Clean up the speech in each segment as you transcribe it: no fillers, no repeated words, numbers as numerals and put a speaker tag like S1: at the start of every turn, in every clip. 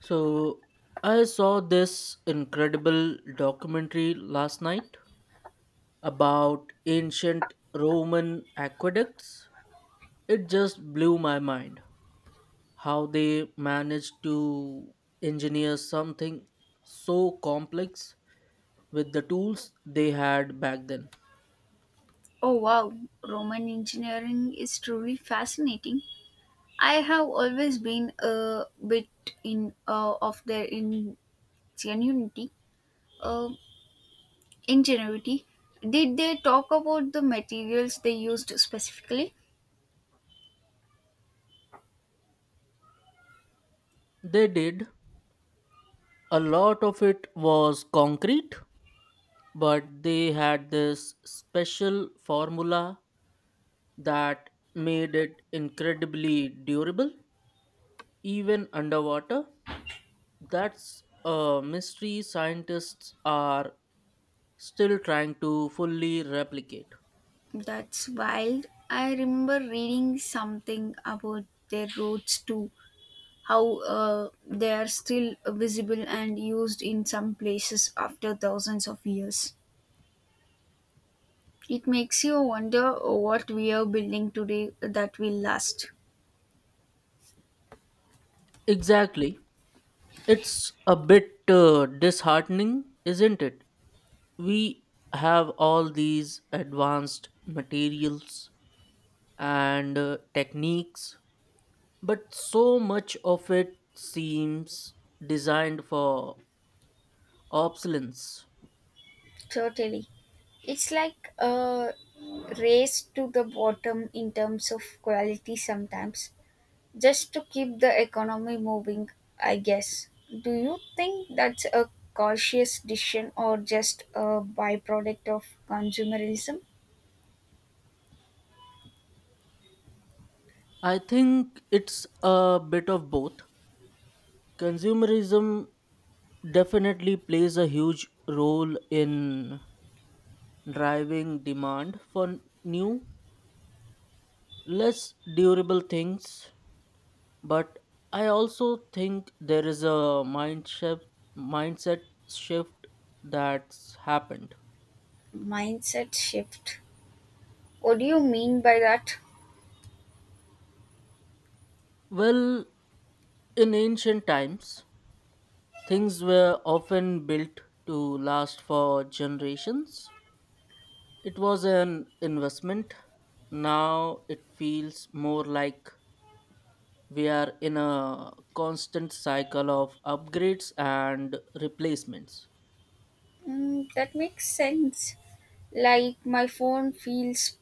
S1: So I saw this incredible documentary last night about ancient Roman aqueducts. It just blew my mind how they managed to engineer something so complex with the tools they had back then.
S2: Oh wow, Roman engineering is truly fascinating. I have always been a bit in of their ingenuity, uh, ingenuity. Did they talk about the materials they used specifically?
S1: They did. A lot of it was concrete, but they had this special formula that made it incredibly durable, even underwater. That's a mystery scientists are still trying to fully replicate.
S2: That's wild. I remember reading something about their roads too, how they are still visible and used in some places after thousands of years. It makes you wonder what we are building today that will last.
S1: Exactly. It's a bit disheartening, isn't it? We have all these advanced materials and techniques, but so much of it seems designed for obsolescence.
S2: Totally. It's like a race to the bottom in terms of quality sometimes, just to keep the economy moving, I guess. Do you think that's a cautious decision or just a byproduct of consumerism?
S1: I think it's a bit of both. Consumerism definitely plays a huge role in driving demand for new, less durable things. But I also think there is a mind shift, mindset shift that's happened.
S2: Mindset shift. What do you mean by that?
S1: Well, in ancient times, things were often built to last for generations. It was an investment. Now it feels more like we are in a constant cycle of upgrades and replacements.
S2: Mm, that makes sense. Like my phone feels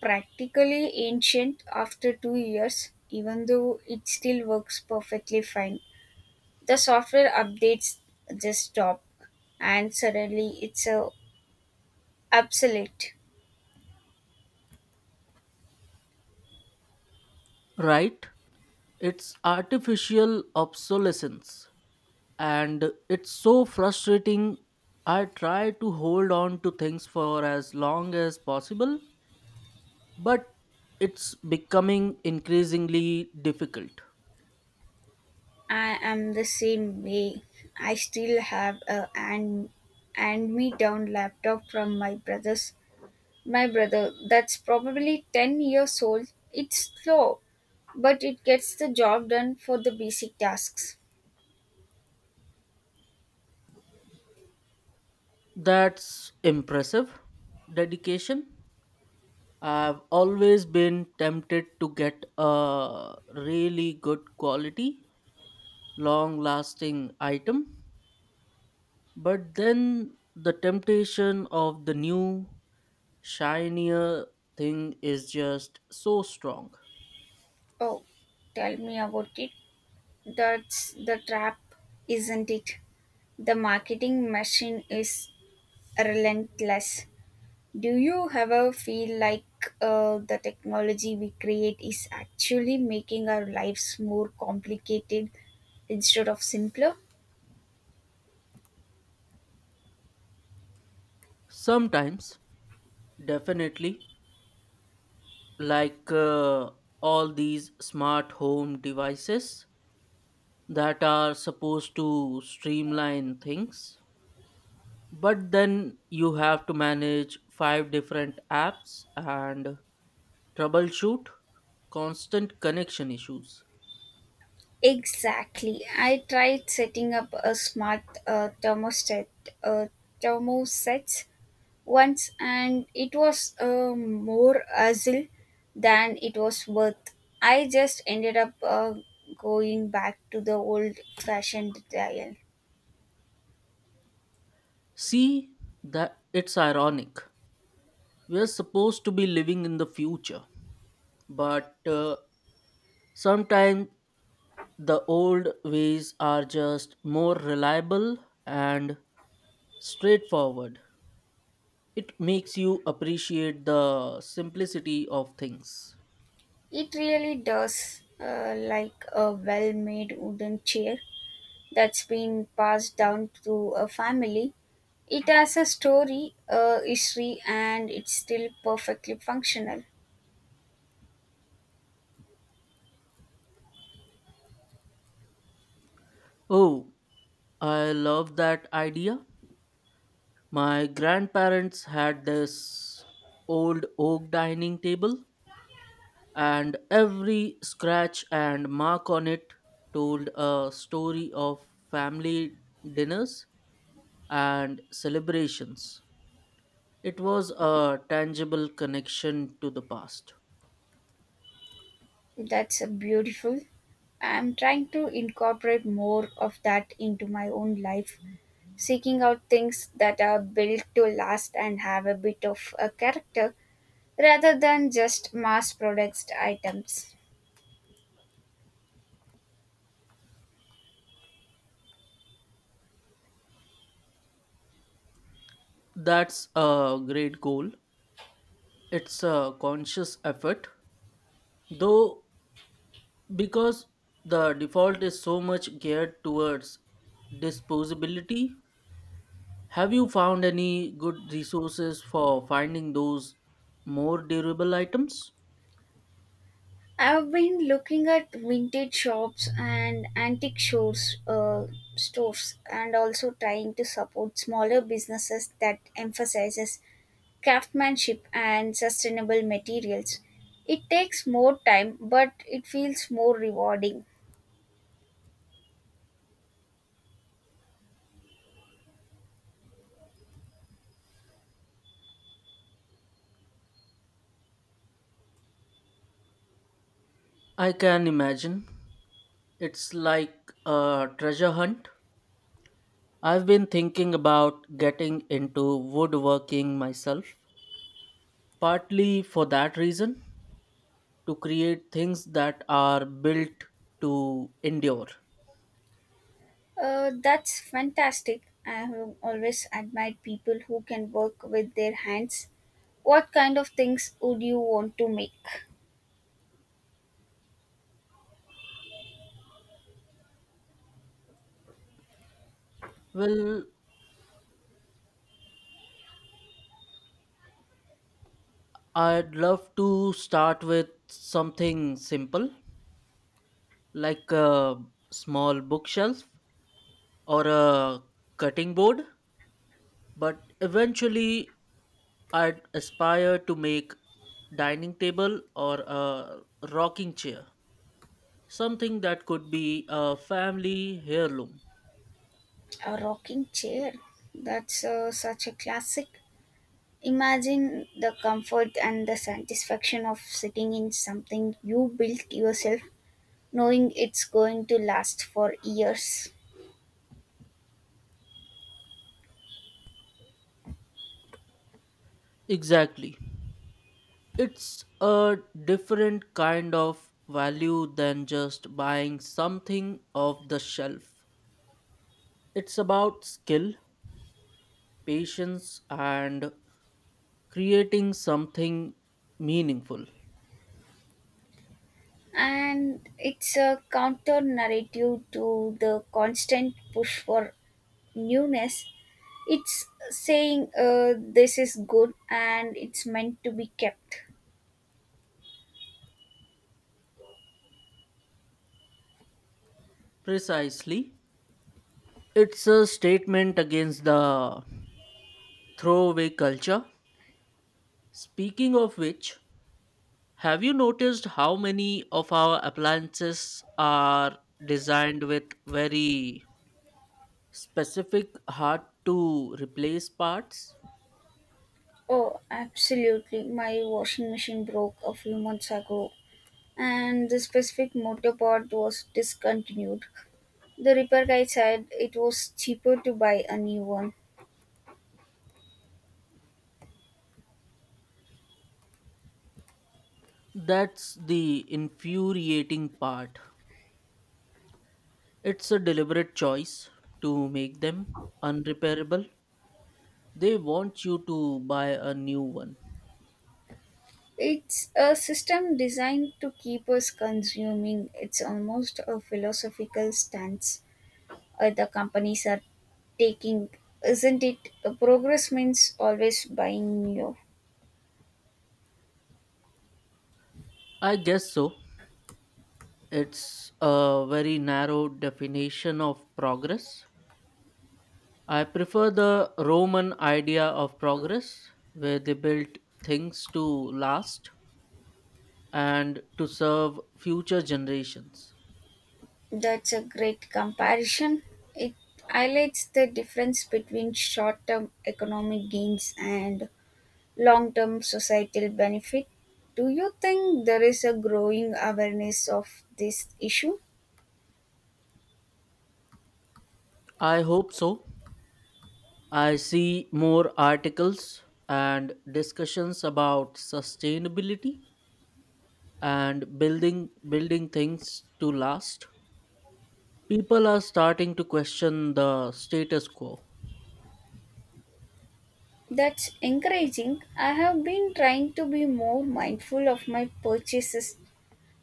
S2: practically ancient after 2 years, even though it still works perfectly fine. The software updates just stop, and suddenly it's a obsolete.
S1: Right? It's artificial obsolescence. And it's so frustrating. I try to hold on to things for as long as possible, but it's becoming increasingly difficult.
S2: I am the same way. I still have a hand me down laptop from my brother that's probably 10 years old. It's slow, but it gets the job done for the basic tasks.
S1: That's impressive dedication. I've always been tempted to get a really good quality, long lasting item, but then the temptation of the new, shinier thing is just so strong.
S2: Oh, tell me about it. That's the trap, isn't it? The marketing machine is relentless. Do you ever feel like the technology we create is actually making our lives more complicated instead of simpler?
S1: Sometimes, definitely, like all these smart home devices that are supposed to streamline things but then you have to manage five different apps and troubleshoot constant connection issues.
S2: Exactly. I tried setting up a smart uh, thermostat once, and it was more hassle than it was worth. I just ended up going back to the old fashioned dial.
S1: See that it's ironic, we're supposed to be living in the future but sometimes the old ways are just more reliable and straightforward. It makes you appreciate the simplicity of things.
S2: It really does, like a well made wooden chair that's been passed down through a family. It has a story, a history, and it's still perfectly functional.
S1: Oh, I love that idea. My grandparents had this old oak dining table, and every scratch and mark on it told a story of family dinners and celebrations. It was a tangible connection to the past.
S2: That's a beautiful. I'm trying to incorporate more of that into my own life, seeking out things that are built to last and have a bit of a character rather than just mass produced items.
S1: That's a great goal. It's a conscious effort, though, because the default is so much geared towards disposability. Have you found any good resources for finding those more durable items?
S2: I've been looking at vintage shops and stores and also trying to support smaller businesses that emphasizes craftsmanship and sustainable materials. It takes more time but it feels more rewarding.
S1: I can imagine. It's like a treasure hunt. I've been thinking about getting into woodworking myself, partly for that reason, to create things that are built to endure.
S2: That's fantastic. I have always admired people who can work with their hands. What kind of things would you want to make?
S1: Well, I'd love to start with something simple, like a small bookshelf or a cutting board, but eventually I'd aspire to make dining table or a rocking chair, something that could be a family heirloom.
S2: A rocking chair. That's such a classic. Imagine the comfort and the satisfaction of sitting in something you built yourself, knowing it's going to last for years.
S1: Exactly. It's a different kind of value than just buying something off the shelf. It's about skill, patience, and creating something meaningful.
S2: And it's a counter narrative to the constant push for newness. It's saying, this is good and it's meant to be kept.
S1: Precisely. It's a statement against the throwaway culture. Speaking of which, have you noticed how many of our appliances are designed with very specific, hard to replace parts?
S2: Oh, absolutely. My washing machine broke a few months ago and the specific motor part was discontinued. The repair guy said it was cheaper to buy a new one.
S1: That's the infuriating part. It's a deliberate choice to make them unrepairable. They want you to buy a new one.
S2: It's a system designed to keep us consuming. It's almost a philosophical stance other companies are taking, isn't it? Progress means always buying new.
S1: I guess so. It's a very narrow definition of progress. I prefer the Roman idea of progress, where they built things to last and to serve future generations.
S2: That's a great comparison. It highlights the difference between short term economic gains and long term societal benefit. Do you think there is a growing awareness of this issue?
S1: I hope so. I see more articles and discussions about sustainability and building things to last. People are starting to question the status quo.
S2: That's encouraging. I have been trying to be more mindful of my purchases,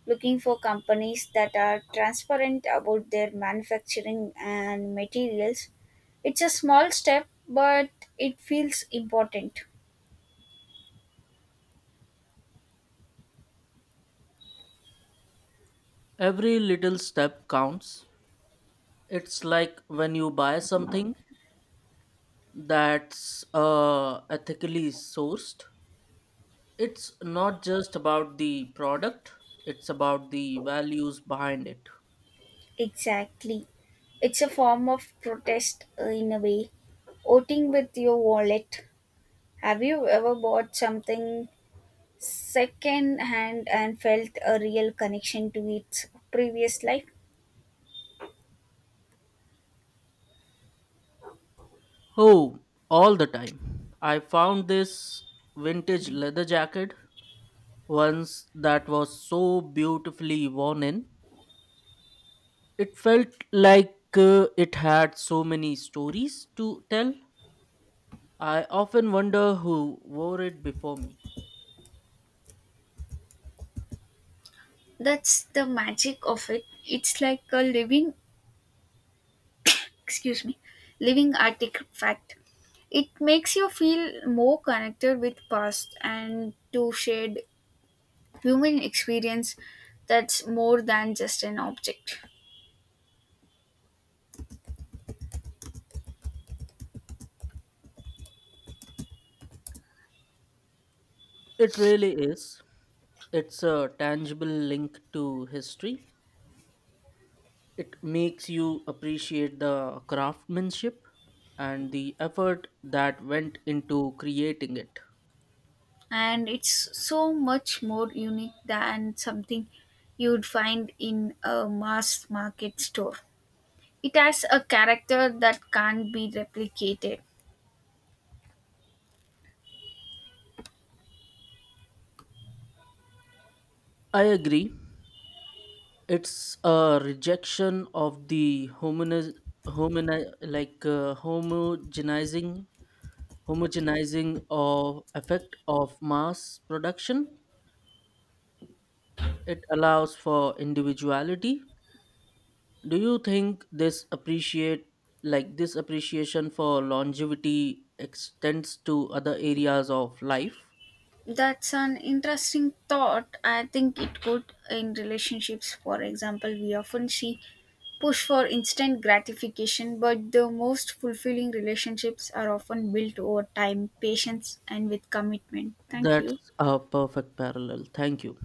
S2: looking for companies that are transparent about their manufacturing and materials. It's a small step, but it feels important.
S1: Every little step counts. It's like when you buy something that's ethically sourced, it's not just about the product, it's about the values behind it.
S2: Exactly. It's a form of protest, in a way. Voting with your wallet. Have you ever bought something second hand and felt a real connection to its previous life?
S1: Oh, all the time. I found this vintage leather jacket once that was so beautifully worn in. It felt like it had so many stories to tell. I often wonder who wore it before me.
S2: That's the magic of it. It's like a excuse me, living artifact. It makes you feel more connected with past and to shared human experience that's more than just an object.
S1: It really is. It's a tangible link to history. It makes you appreciate the craftsmanship and the effort that went into creating it.
S2: And it's so much more unique than something you'd find in a mass market store. It has a character that can't be replicated.
S1: I agree. It's a rejection of the hominiz, homini, like homogenizing, homogenizing of effect of mass production. It allows for individuality. Do you think this appreciate like this appreciation for longevity extends to other areas of life?
S2: That's an interesting thought. I think it could in relationships. For example, we often see push for instant gratification, but the most fulfilling relationships are often built over time, patience, and with commitment. Thank you.
S1: That's a perfect parallel. Thank you.